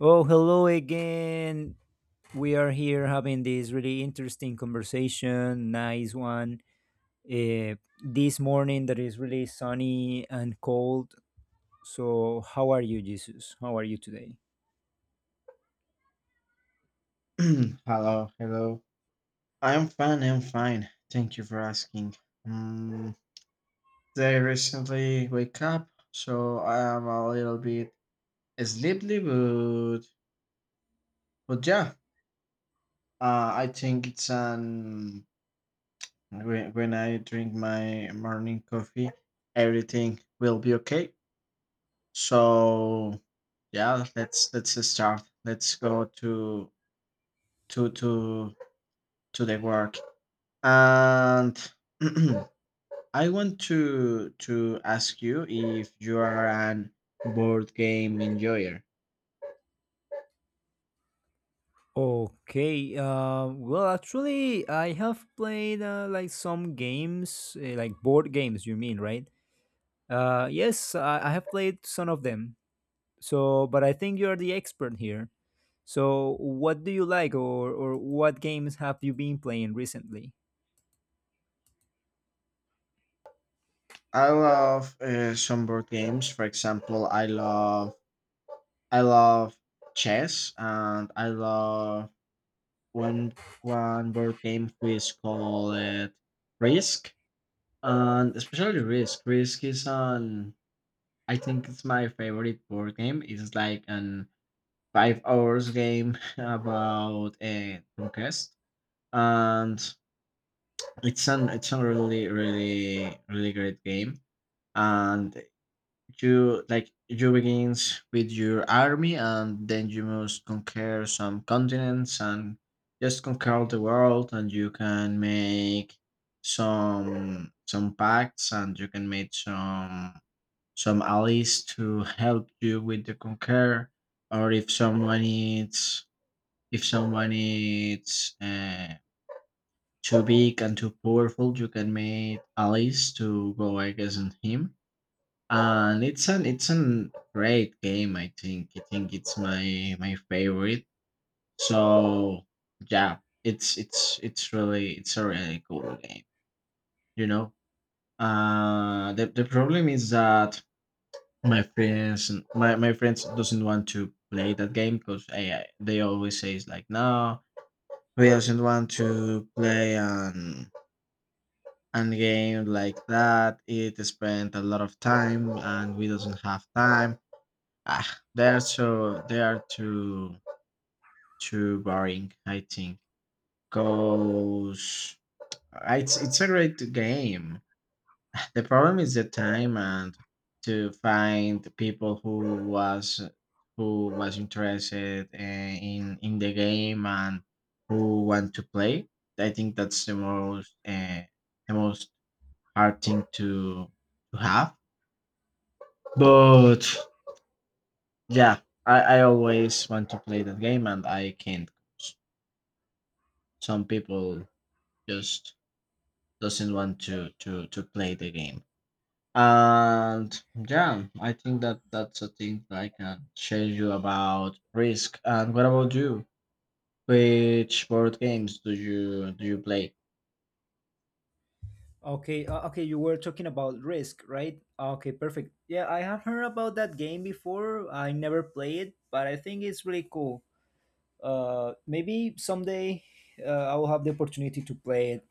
Oh, hello again. We are here having this really interesting conversation. Nice one. Uh, this morning that is really sunny and cold. So, how are you, Jesus? How are you today? Hello, hello. I'm fine. Thank you for asking. Um, I recently wake up, so I am a little bit sleepy, but yeah, I think it's an when I drink my morning coffee, everything will be okay. So yeah, let's start. Let's go to to to the work and. I want to ask you if you are an board game enjoyer. Okay. Actually, I have played like some games, like board games. You mean, right? Yes, I have played some of them. So, but I think you are the expert here. So, what do you like, or what games have you been playing recently? I love some board games. For example, I love chess, and I love one one board game who is called Risk, and especially Risk. Risk is an I think it's my favorite board game. It's like an 5 hour game about a conquest and it's a really great game, and you like you begins with your army, and then you must conquer some continents and just conquer the world, and you can make some pacts, and you can make some allies to help you with the conquer, or if someone needs. Too big and too powerful, you can make allies to go against him. And it's an great game. I think it's my my favorite. So yeah, it's a really cool game. You know, the problem is that my friends doesn't want to play that game because I they always say it's like no we doesn't want to play and game like that it spent a lot of time and we doesn't have time ah, they're so they are too too boring I think because it's a great game. The problem is the time and to find people who was interested in the game and who want to play. I think that's the most hard thing to have. But yeah, I always want to play that game and I can't. Some people just doesn't want to to play the game. And yeah, I think that that's a thing that I can share you about Risk. And what about you? Which board games do you play? Okay, okay, you were talking about Risk, right? Okay, perfect. Yeah, I have heard about that game before. I never played it, but I think it's really cool. Maybe someday I will have the opportunity to play it.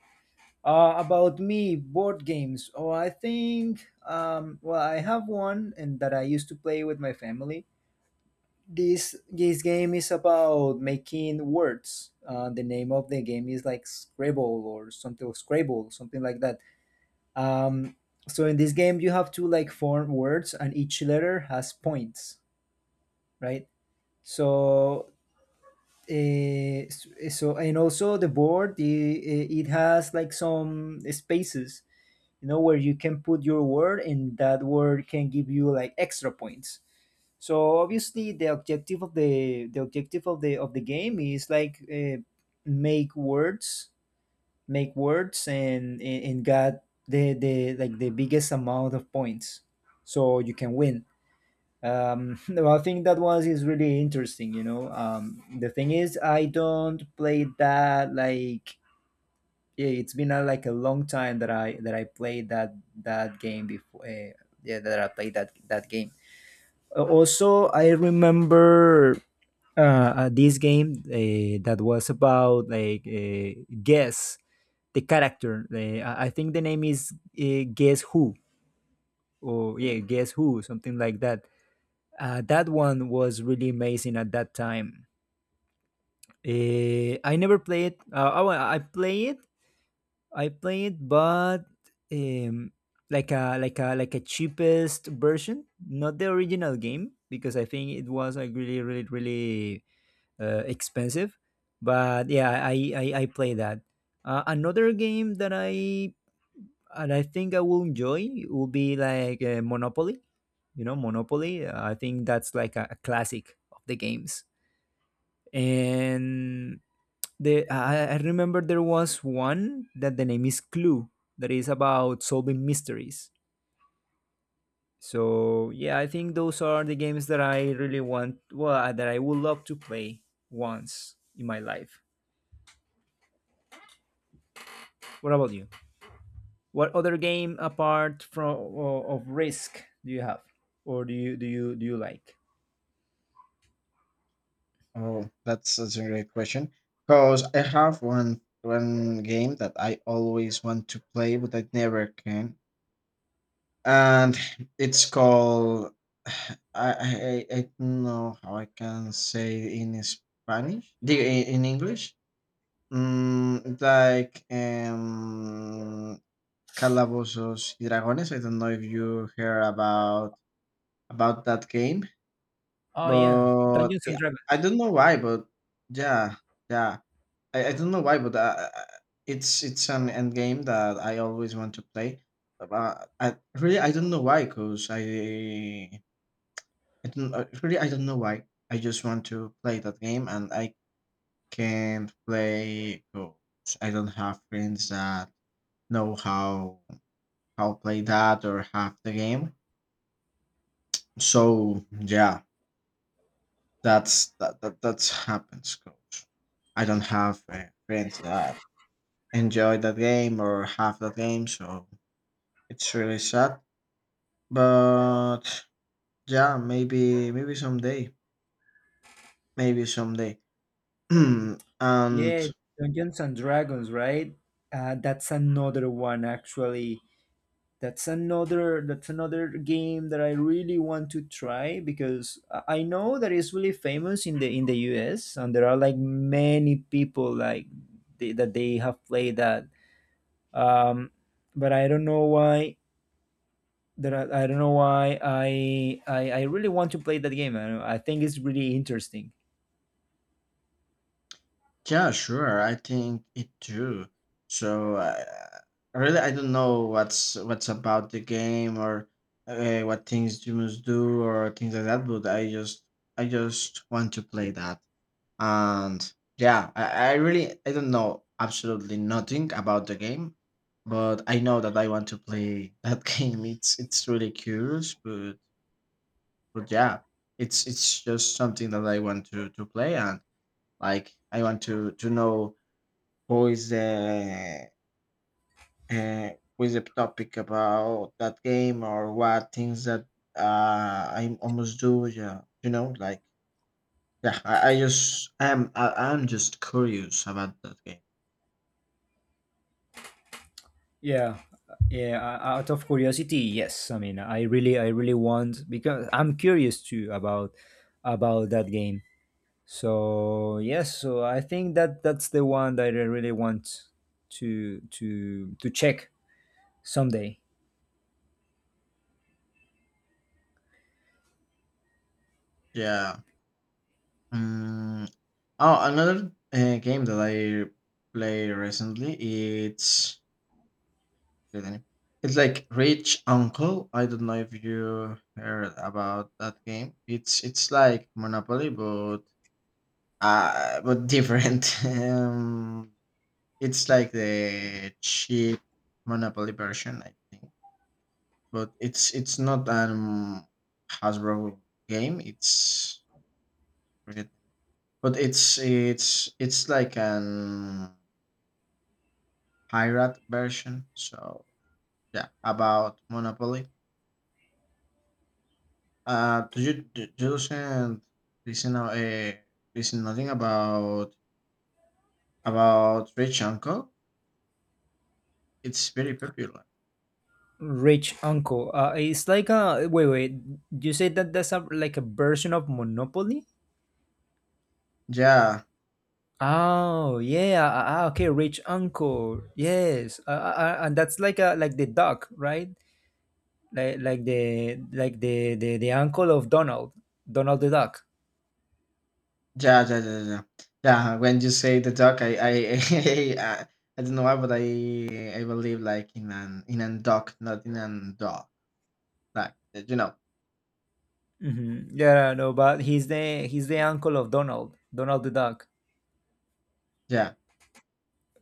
About me, board games. Oh, I think, well, I have one and that I used to play with my family. This game is about making words. The name of the game is like Scrabble or something, or Scrabble, something like that. Um, so in this game, you have to like form words, and each letter has points, right? So. Uh, so and also the board, it has like some spaces, you know, where you can put your word, and that word can give you like extra points. So obviously, the objective of the objective of the game is like make words, make words, and get the like the biggest amount of points, so you can win. No, I think that was is really interesting. You know, the thing is, I don't play that like yeah, it's been a, like a long time that I played that game before. Yeah, that I played that game. Also, I remember this game that was about like guess the character. Uh, I think the name is Guess Who, or yeah, Guess Who, something like that. That one was really amazing at that time. I never played. Oh, I play it. I play it, but um, like a like a like a cheapest version, not the original game, because I think it was like really expensive. But yeah, I play that. Another game that I and I think I will enjoy will be like Monopoly. You know, Monopoly. I think that's like a classic of the games. And I remember there was one that the name is Clue, that is about solving mysteries. So yeah, I think those are the games that I really want. Well, that I would love to play once in my life. What about you? What other game apart from of Risk do you have, or do you do you like? Oh, that's a great question. Because I have one game that I always want to play, but I never can. And it's called I don't know how I can say in Spanish the in English mm, like um calabozos y dragones. I don't know if you hear about that game Oh yeah, but, Dungeons and yeah, I Dragons. don't know why, but yeah, yeah. I don't know why, but, it's an end game that I always want to play. I really, I don't know why, 'cause I don't really, I don't know why. I just want to play that game, and I can't play because I don't have friends that know how play that or have the game. So, yeah. That's that that that's happens, coach. I don't have friends that enjoy that game or have that game, so it's really sad. But yeah, maybe maybe someday, maybe someday. Yeah, And Dungeons and Dragons, right? That's another one actually. That's another game that I really want to try, because I know that it's really famous in the US, and there are like many people like that they have played that. Um, but I don't know why I don't know why I really want to play that game. I, don't- know, I think it's really interesting. yeah, sure, I think it too. So really, I don't know what's about the game or what things you must do or things like that. But I just want to play that. And yeah, I really I don't know absolutely nothing about the game, but I know that I want to play that game. It's really curious, but yeah, it's just something that I want to play, and like I want to know who is the uh, who is the topic about that game or what things that I almost do, yeah, you know, like yeah, I'm just curious about that game. Yeah, yeah. Out of curiosity, yes. I mean, I really want, because I'm curious too about that game. So yes, so I think that that's the one that I really want to check someday. Yeah. Mm. Oh, another game that I play recently. It's the it's like Rich Uncle. I don't know if you heard about that game. It's like Monopoly, but different. It's like the cheap Monopoly version, I think. But it's not an Hasbro game. It's but it's it's like an pirate version. So yeah, about Monopoly. Do you listen uh, listen nothing about about Rich Uncle? It's very popular. Rich Uncle. It's like a wait. You say that that's a, like a version of Monopoly? Yeah, Oh yeah, ah, ah, ah, okay, rich uncle. Yes, and that's like a like the duck, right? Like the uncle of Donald, Donald the Duck. yeah, yeah, yeah, yeah. Yeah, yeah, when you say the duck, I I, I don't know why, but I believe like in an duck, not in an dog. Like you know, Hmm. Yeah, no, but he's the uncle of Donald, Donald the Duck. yeah,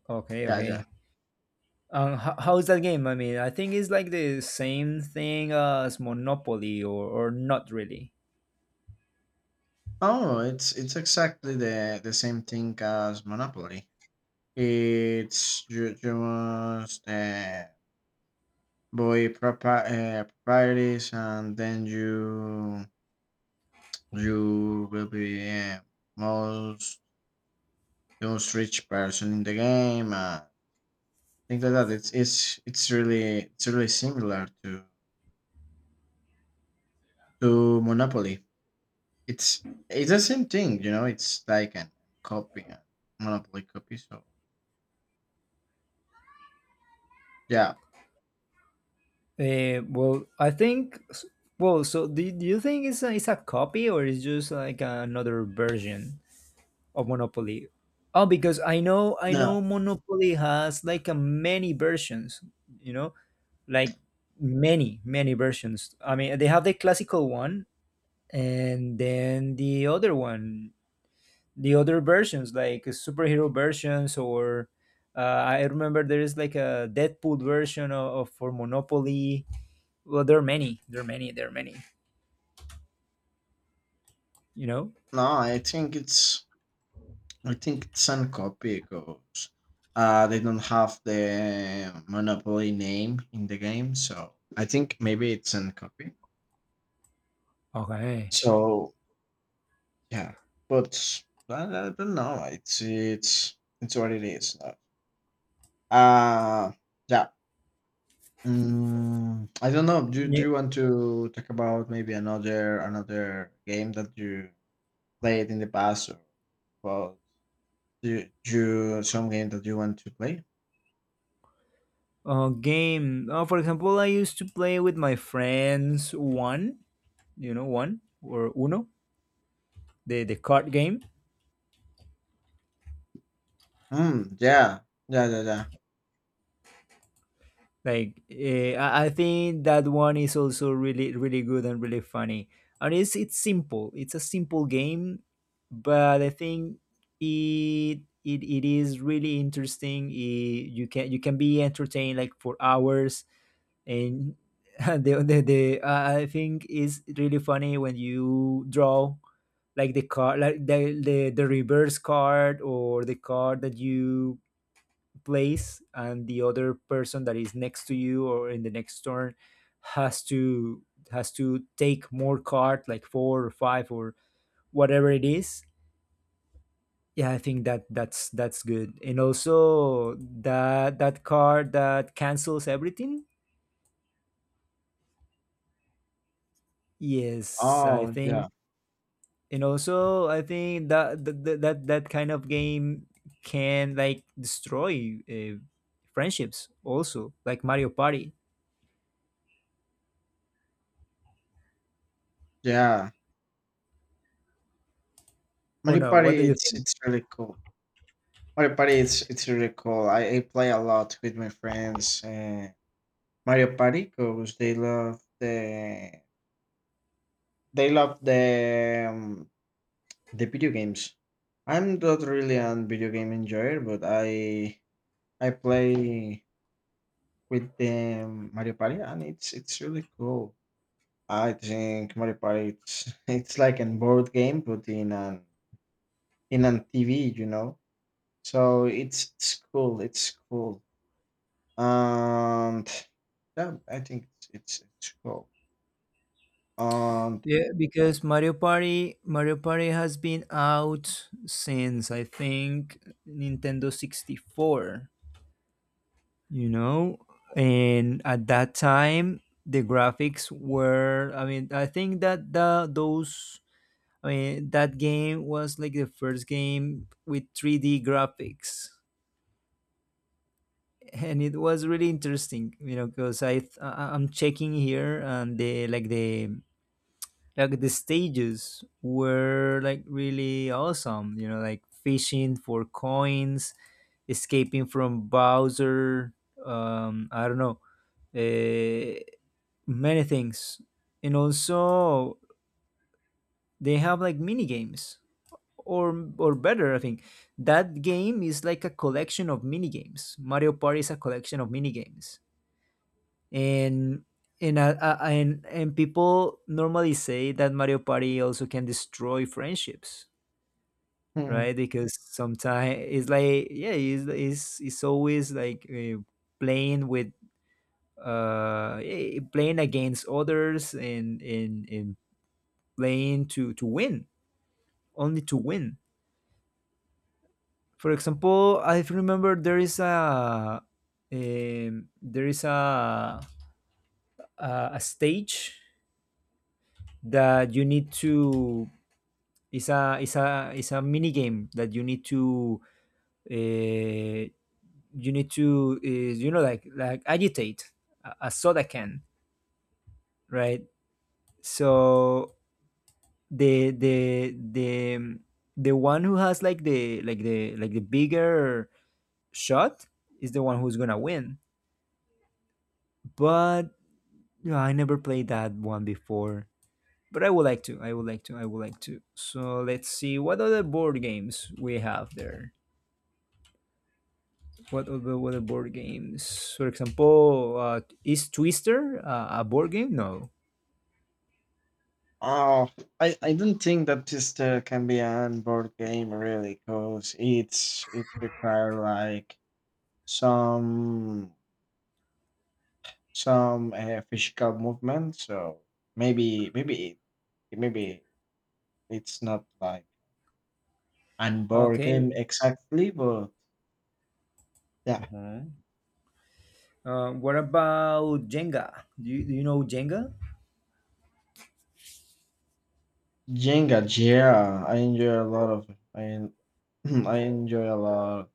Okay, yeah, yeah. okay. How's that game? I mean, I think it's like the same thing as Monopoly, or not really. Oh, it's exactly the same thing as Monopoly. It's you, you must buy proper properties, and then you will be most the most rich person in the game. Things like that. It's really similar to Monopoly. It's it's the same thing, you know. It's like an copy, a Monopoly copy. So yeah, Well, I think. Well, so do you think it's a copy, or it's just like another version of Monopoly? Oh, because I know no, Monopoly has like a many versions. You know, like many versions. I mean, they have the classical one and then the other one, the other versions like superhero versions or. I remember there is like a Deadpool version of for Monopoly. Well, there are many. There are many. There are many. You know. No, I think it's Suncorp because they don't have the monopoly name in the game, so I think maybe it's Suncorp. Okay. So yeah, but I don't know. It's what it is. Uh, yeah. Mm, I don't know. Do Yeah. you want to talk about maybe another game that you played in the past, or about do you, do some game that you want to play? Game. For example, I used to play with my friends one. You know, one or Uno, the card game. Mm, yeah. Yeah, yeah, yeah. Like I think that one is also really good and really funny. And it's simple. It's a simple game, but I think it is really interesting. You can be entertained like for hours. And the I think is really funny when you draw like the card, like the reverse card, or the card that you place, and the other person that is next to you or in the next turn has to take more card, like four or five, or whatever it is. Yeah, I think that that's good, and also that card that cancels everything. Yes, I Oh, yeah. think. And also, I think that that kind of game can like destroy friendships, also like Mario Party, Yeah. or Mario no? What Party, do you think? it's really cool. Mario Party, it's really cool. I play a lot with my friends Mario Party because they love the video games. I'm not really a video game enjoyer, but I play with them Mario Party, and it's really cool. I think Mario Party it's it's like a board game, but in an in on TV, you know. So it's cool. It's cool. And yeah, I think it's cool. And Yeah, because Mario Party has been out since, I think, Nintendo 64, you know. And at that time, the graphics were, I mean, I think that the those, I mean, that game was like the first game with 3D graphics, and it was really interesting, you know, because I'm checking here, and the like the stages were like really awesome, you know, like fishing for coins, escaping from Bowser, I don't know, uh, many things. And also they have like mini games, or better, I think that game is like a collection of mini games. Mario Party is a collection of mini games. And and people normally say that Mario Party also can destroy friendships, hmm, right? Because sometimes it's like yeah, it's always like playing with playing against others, and and playing to win, only to win. For example, I remember there is a stage that you need to, is a mini game that you need to uh, you need to uh, you know, like agitate a soda can, right? So the the the um, the one who has like the like the like the bigger shot is the one who's gonna win. But yeah, I never played that one before, but I would like to. I would like to. I would like to. So let's see what other board games we have there. What other board games? For example, is Twister a board game? No. oh, I don't think that this can be an board game really, cause it's it require like some some physical movement. So maybe maybe it's not like an board Okay. game exactly, but yeah. Uh-huh. What about Jenga? Do you know Jenga? Jenga, yeah, I I enjoy a lot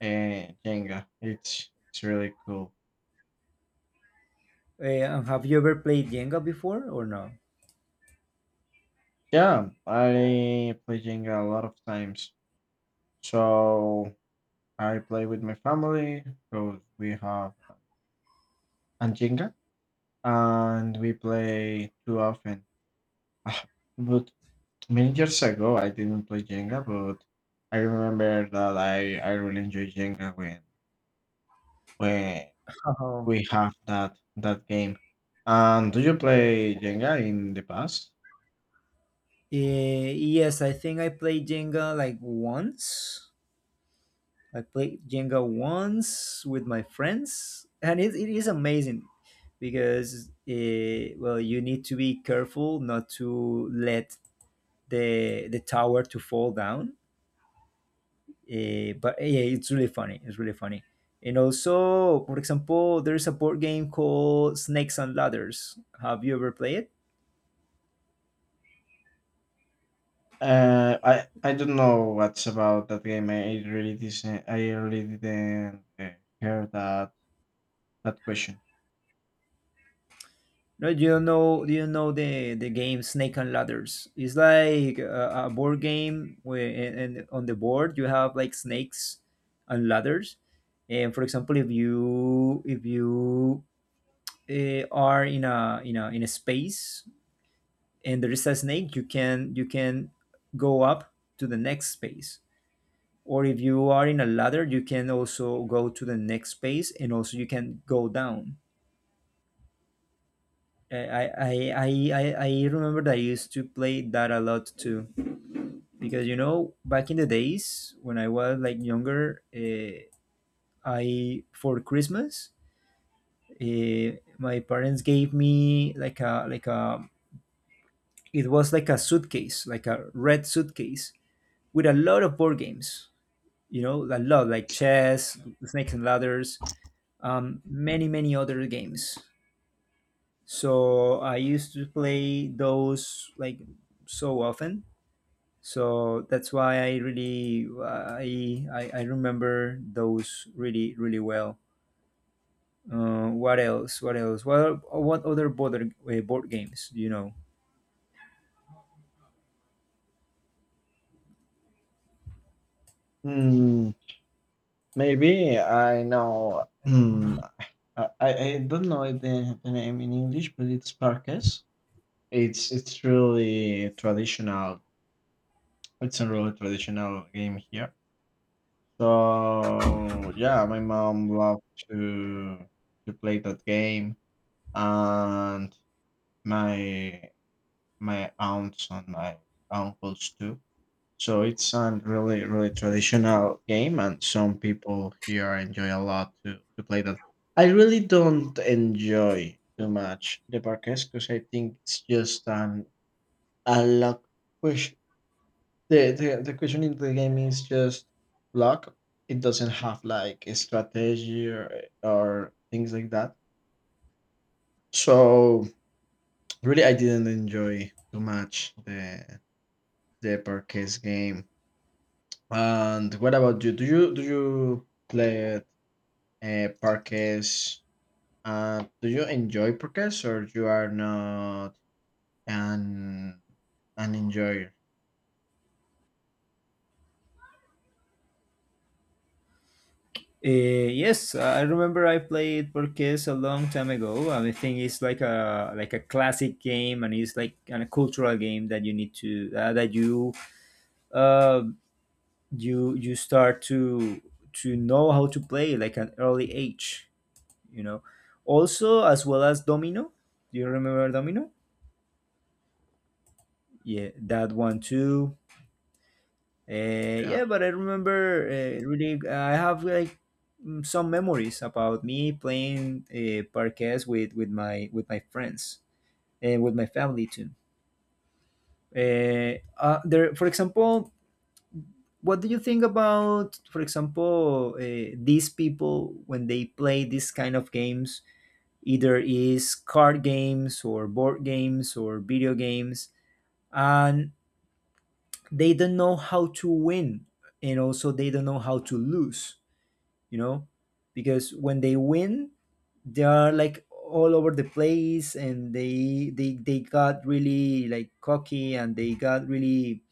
Jenga. It's really cool. Have you ever played Jenga before or no? Yeah, I play Jenga a lot of times. So I play with my family because we have and Jenga, and we play too often. Ah, but many years ago, I didn't play Jenga, but I remember that I really enjoyed Jenga when Oh. we have that that game. And do you play Jenga in the past? Eh, yes, I think I played Jenga like once. I played Jenga once with my friends, and it is amazing, because eh, well, you need to be careful not to let the tower to fall down. Eh, but yeah, it's really funny. It's really funny. And also, for example, there is a board game called Snakes and Ladders. Have you ever played it? I don't know what's about that game. I really didn't. I really didn't hear that that question. No, you don't know. You don't know the game Snake and Ladders. It's like a board game where and on the board you have like snakes and ladders. And for example, if you are in a in a space and there is a snake, you can go up to the next space. Or if you are in a ladder, you can also go to the next space, and also you can go down. I remember that I used to play that a lot too, because you know, back in the days when I was like younger, I for Christmas, my parents gave me like a it was like a suitcase, like a red suitcase with a lot of board games. You know, a lot like chess, snakes and ladders, many many other games. So I used to play those like so often, so that's why I really I remember those really really well. What else what else what other board, board games do you know? Hmm, maybe I know. Hmm, I, I I don't know the name in English, but it's parques. It's really traditional. It's a really traditional game here. So, yeah, my mom loved to play that game, and my my aunts and my uncles too. So it's a really, really traditional game, and some people here enjoy a lot to play that. I really don't enjoy too much the parquets because I think it's just an a luck. The, the question in the game is just luck. It doesn't have like a strategy or things like that. So really, I didn't enjoy too much the parquet game. And what about you? Do you play parquet? Do you enjoy parquet, or you are not an an enjoyer? Yes, I remember I played Borges a long time ago, and I think it's like a classic game, and it's like kind of cultural game that you need to that you uh, you you start to know how to play like an early age. You know, also as well as domino. Do you remember domino? Yeah, that one too. Yeah. Yeah, but I remember really I have like some memories about me playing parquets with with my friends, and with my family too. uh, there, for example, what do you think about, for example, these people when they play this kind of games, either is card games or board games or video games, and they don't know how to win, and also they don't know how to lose, you know? Because when they win, they are like all over the place, and they got really like cocky, and they got really,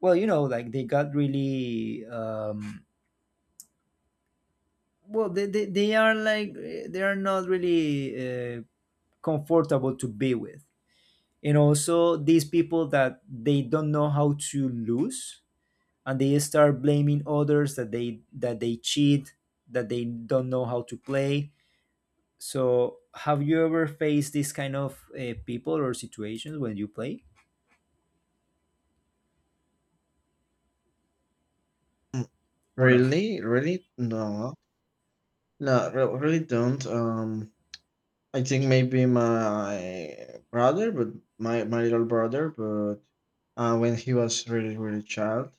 well, you know, like they got really, um, well, they are like, they are not really comfortable to be with. And also these people that they don't know how to lose, and they start blaming others that they cheat, that they don't know how to play. So have you ever faced this kind of people or situations when you play, Mm. or no? Really, really, no, no, re- really don't. I think maybe my brother, but my little brother, but when he was really really child.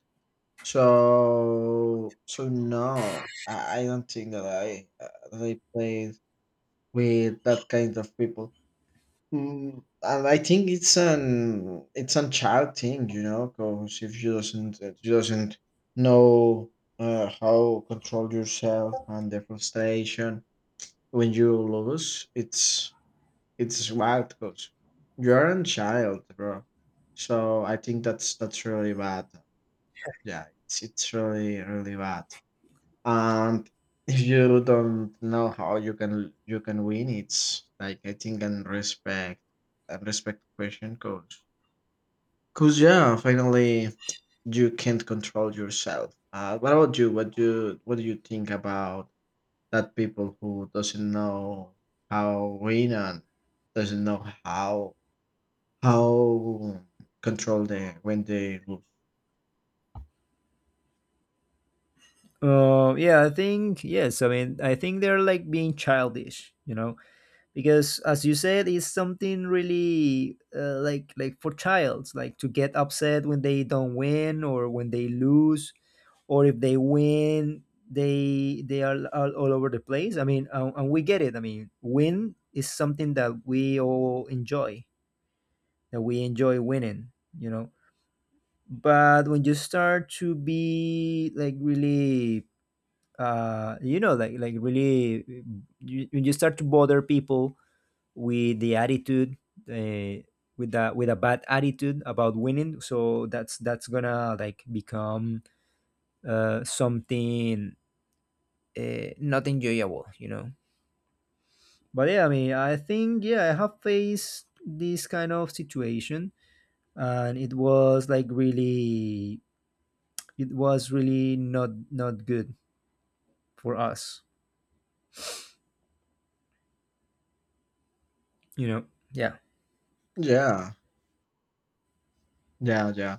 So so no, I don't think that I played with that kind of people. Mm, and I think it's an it's a child thing, you know, because if you doesn't know how control yourself and the frustration when you lose, it's wild, coach. You're a child, bro. So I think that's really bad. Yeah, it's really really bad. And if you don't know how you can win, it's like I think and respect question, coach. Cause yeah, finally you can't control yourself. What about you? What do you think about that people who doesn't know how win and doesn't know how control they when they lose. Yeah, I think yes. I mean, I think they're like being childish, you know, because as you said, it's something really like for childs like to get upset when they don't win or when they lose, or if they win, they all over the place. I mean, and we get it. I mean, win is something that we all enjoy, that we enjoy winning, you know? But when you start to be like really, you know, like really, when you start to bother people with the attitude, uh, with that with a bad attitude about winning. So that's gonna like become something not enjoyable, you know. But yeah, I mean, I think, yeah, I have faced this kind of situation, and it was like really, it was really not good for us, you know. Yeah. Yeah, yeah, yeah,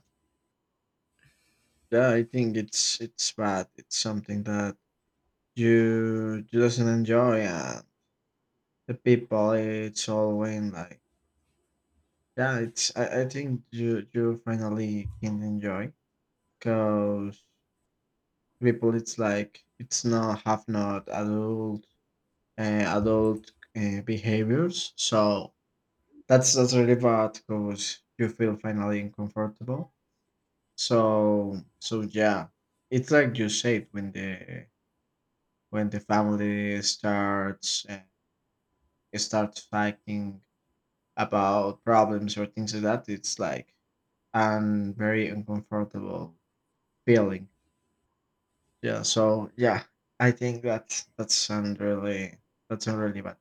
yeah. I think it's bad. It's something that you doesn't enjoy, and the people it's all when like yeah. It's I think you you finally can enjoy because people it's like it's not have not adult adult behaviors. So that's really bad because you feel finally uncomfortable. So so yeah, it's like you said when the family starts starts fighting about problems or things like that, it's like a very uncomfortable feeling. Yeah. So yeah, I think that's un- really bad.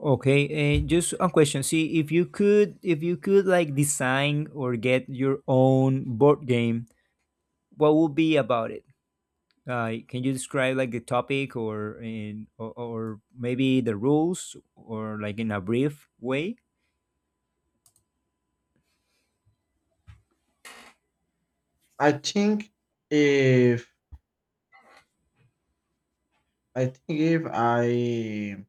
Okay, just a question. See, if you could like design or get your own board game, what would be about it? Can you describe like the topic or in or, or maybe the rules or like in a brief way? I think if I think if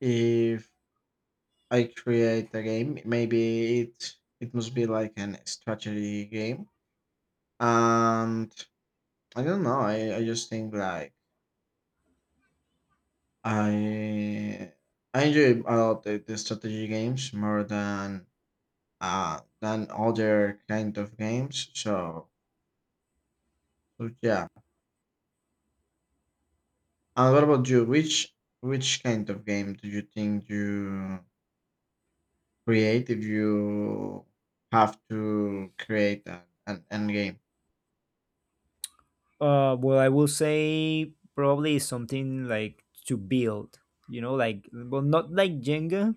if I create a game, maybe it it must be like an strategy game. And I don't know. I just think like I I enjoy a lot the strategy games more than other kind of games. So so yeah. And what about you? Which kind of game do you think you create if you have to create an end game? Well, I will say probably something like to build. You know, like, well, not like Jenga,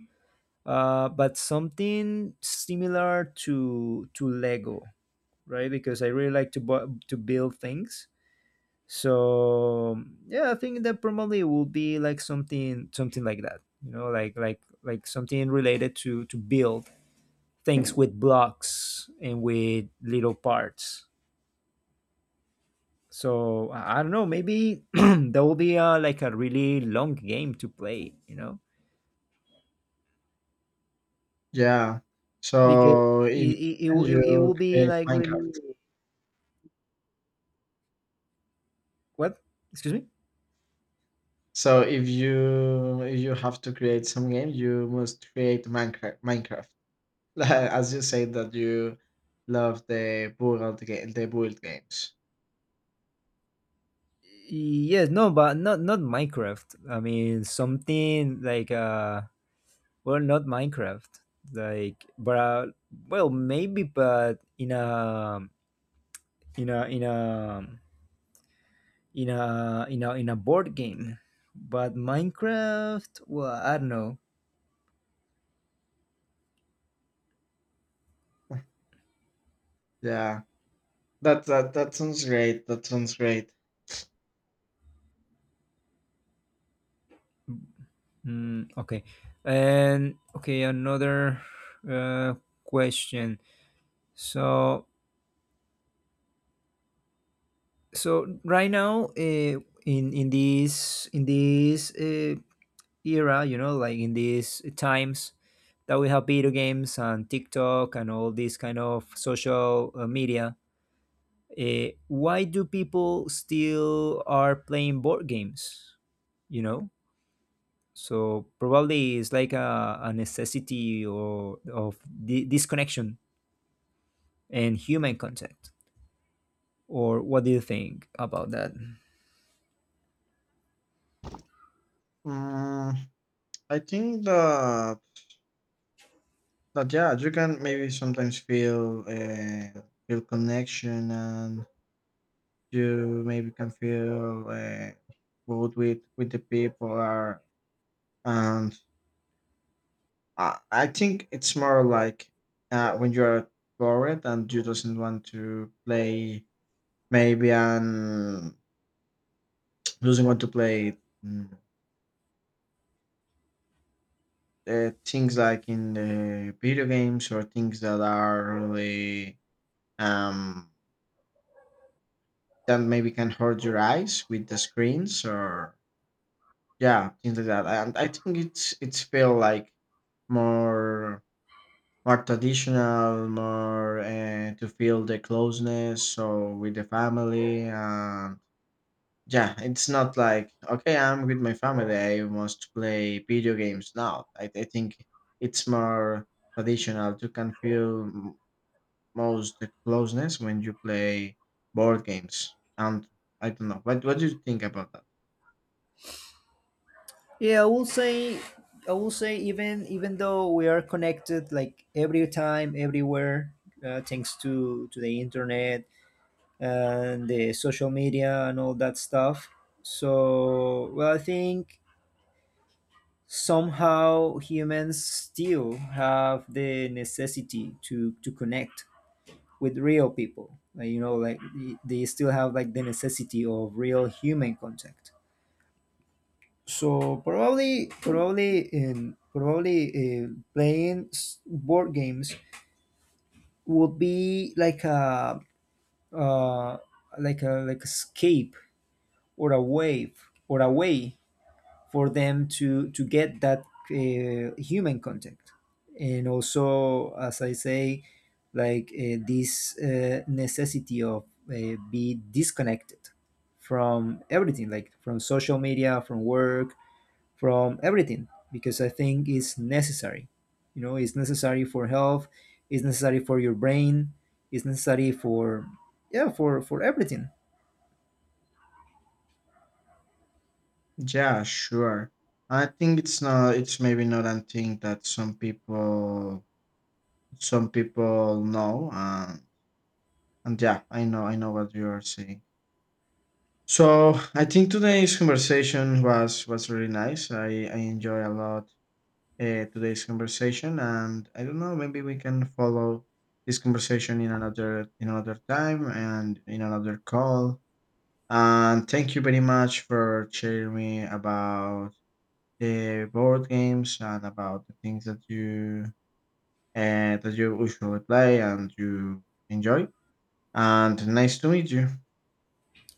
but something similar to Lego, right? Because I really like to to build things. So yeah, I think that probably will be like something like that, you know, like something related to build things with blocks and with little parts. So I don't know, maybe that will be a like a really long game to play, you know. Yeah. Because So if you can, it you will be create like Minecraft. really— What? Excuse me. So if you have to create some game, you must create Minecraft. Minecraft, as you say that you love the build game, the build games. Yes, no, but not Minecraft. I mean something like, uh, well, not Minecraft. Like, but well, maybe, but in a in a in a in a board game. But Minecraft, well, I don't know. Yeah, that sounds great. That sounds great. Mm, okay, and okay, another uh, question. So, so right now, in this era, you know, like in these times that we have video games and TikTok and all these kind of social media, why do people still are playing board games? You know, so probably it's like a necessity or of disconnection and human contact. Or what do you think about that? Mm, I think that that yeah, you can maybe sometimes feel feel connection, and you maybe can feel both with the people are. And. I think it's more like when you're bored and you doesn't want to play maybe and doesn't want to play mm, things like in the video games or things that are really um that maybe can hurt your eyes with the screens or yeah things like that. And I think it's feel like more more traditional, more to feel the closeness. So with the family, and yeah, it's not like okay, I'm with my family. I must play video games now. I think it's more traditional. You can feel m- most the closeness when you play board games. And I don't know. What do you think about that? Yeah, I will say, I will say, even though we are connected like every time everywhere, thanks to the internet and the social media and all that stuff. So, well, I think somehow humans still have the necessity to connect with real people. Like, you know, like they still have like the necessity of real human contact. So probably uh, playing board games would be like a, uh, like a, like escape or a wave or a way for them to get that human contact. And also, as I say, like, this necessity of be disconnected from everything, like from social media, from work, from everything, because I think it's necessary. You know, it's necessary for health, it's necessary for your brain, it's necessary for, yeah, for everything. Yeah, sure. I think it's not. It's maybe not a thing that some people know. And yeah, I know I know what you are saying. So I think today's conversation was really nice. I enjoy a lot today's conversation. And I don't know, maybe we can follow this conversation in another time and in another call. And thank you very much for sharing me about the board games and about the things that you usually play and you enjoy. And nice to meet you.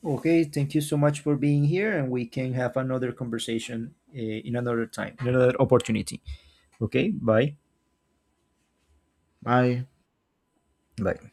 Okay, thank you so much for being here, and we can have another conversation in another time, in another opportunity. Okay, bye. Bye. Bye.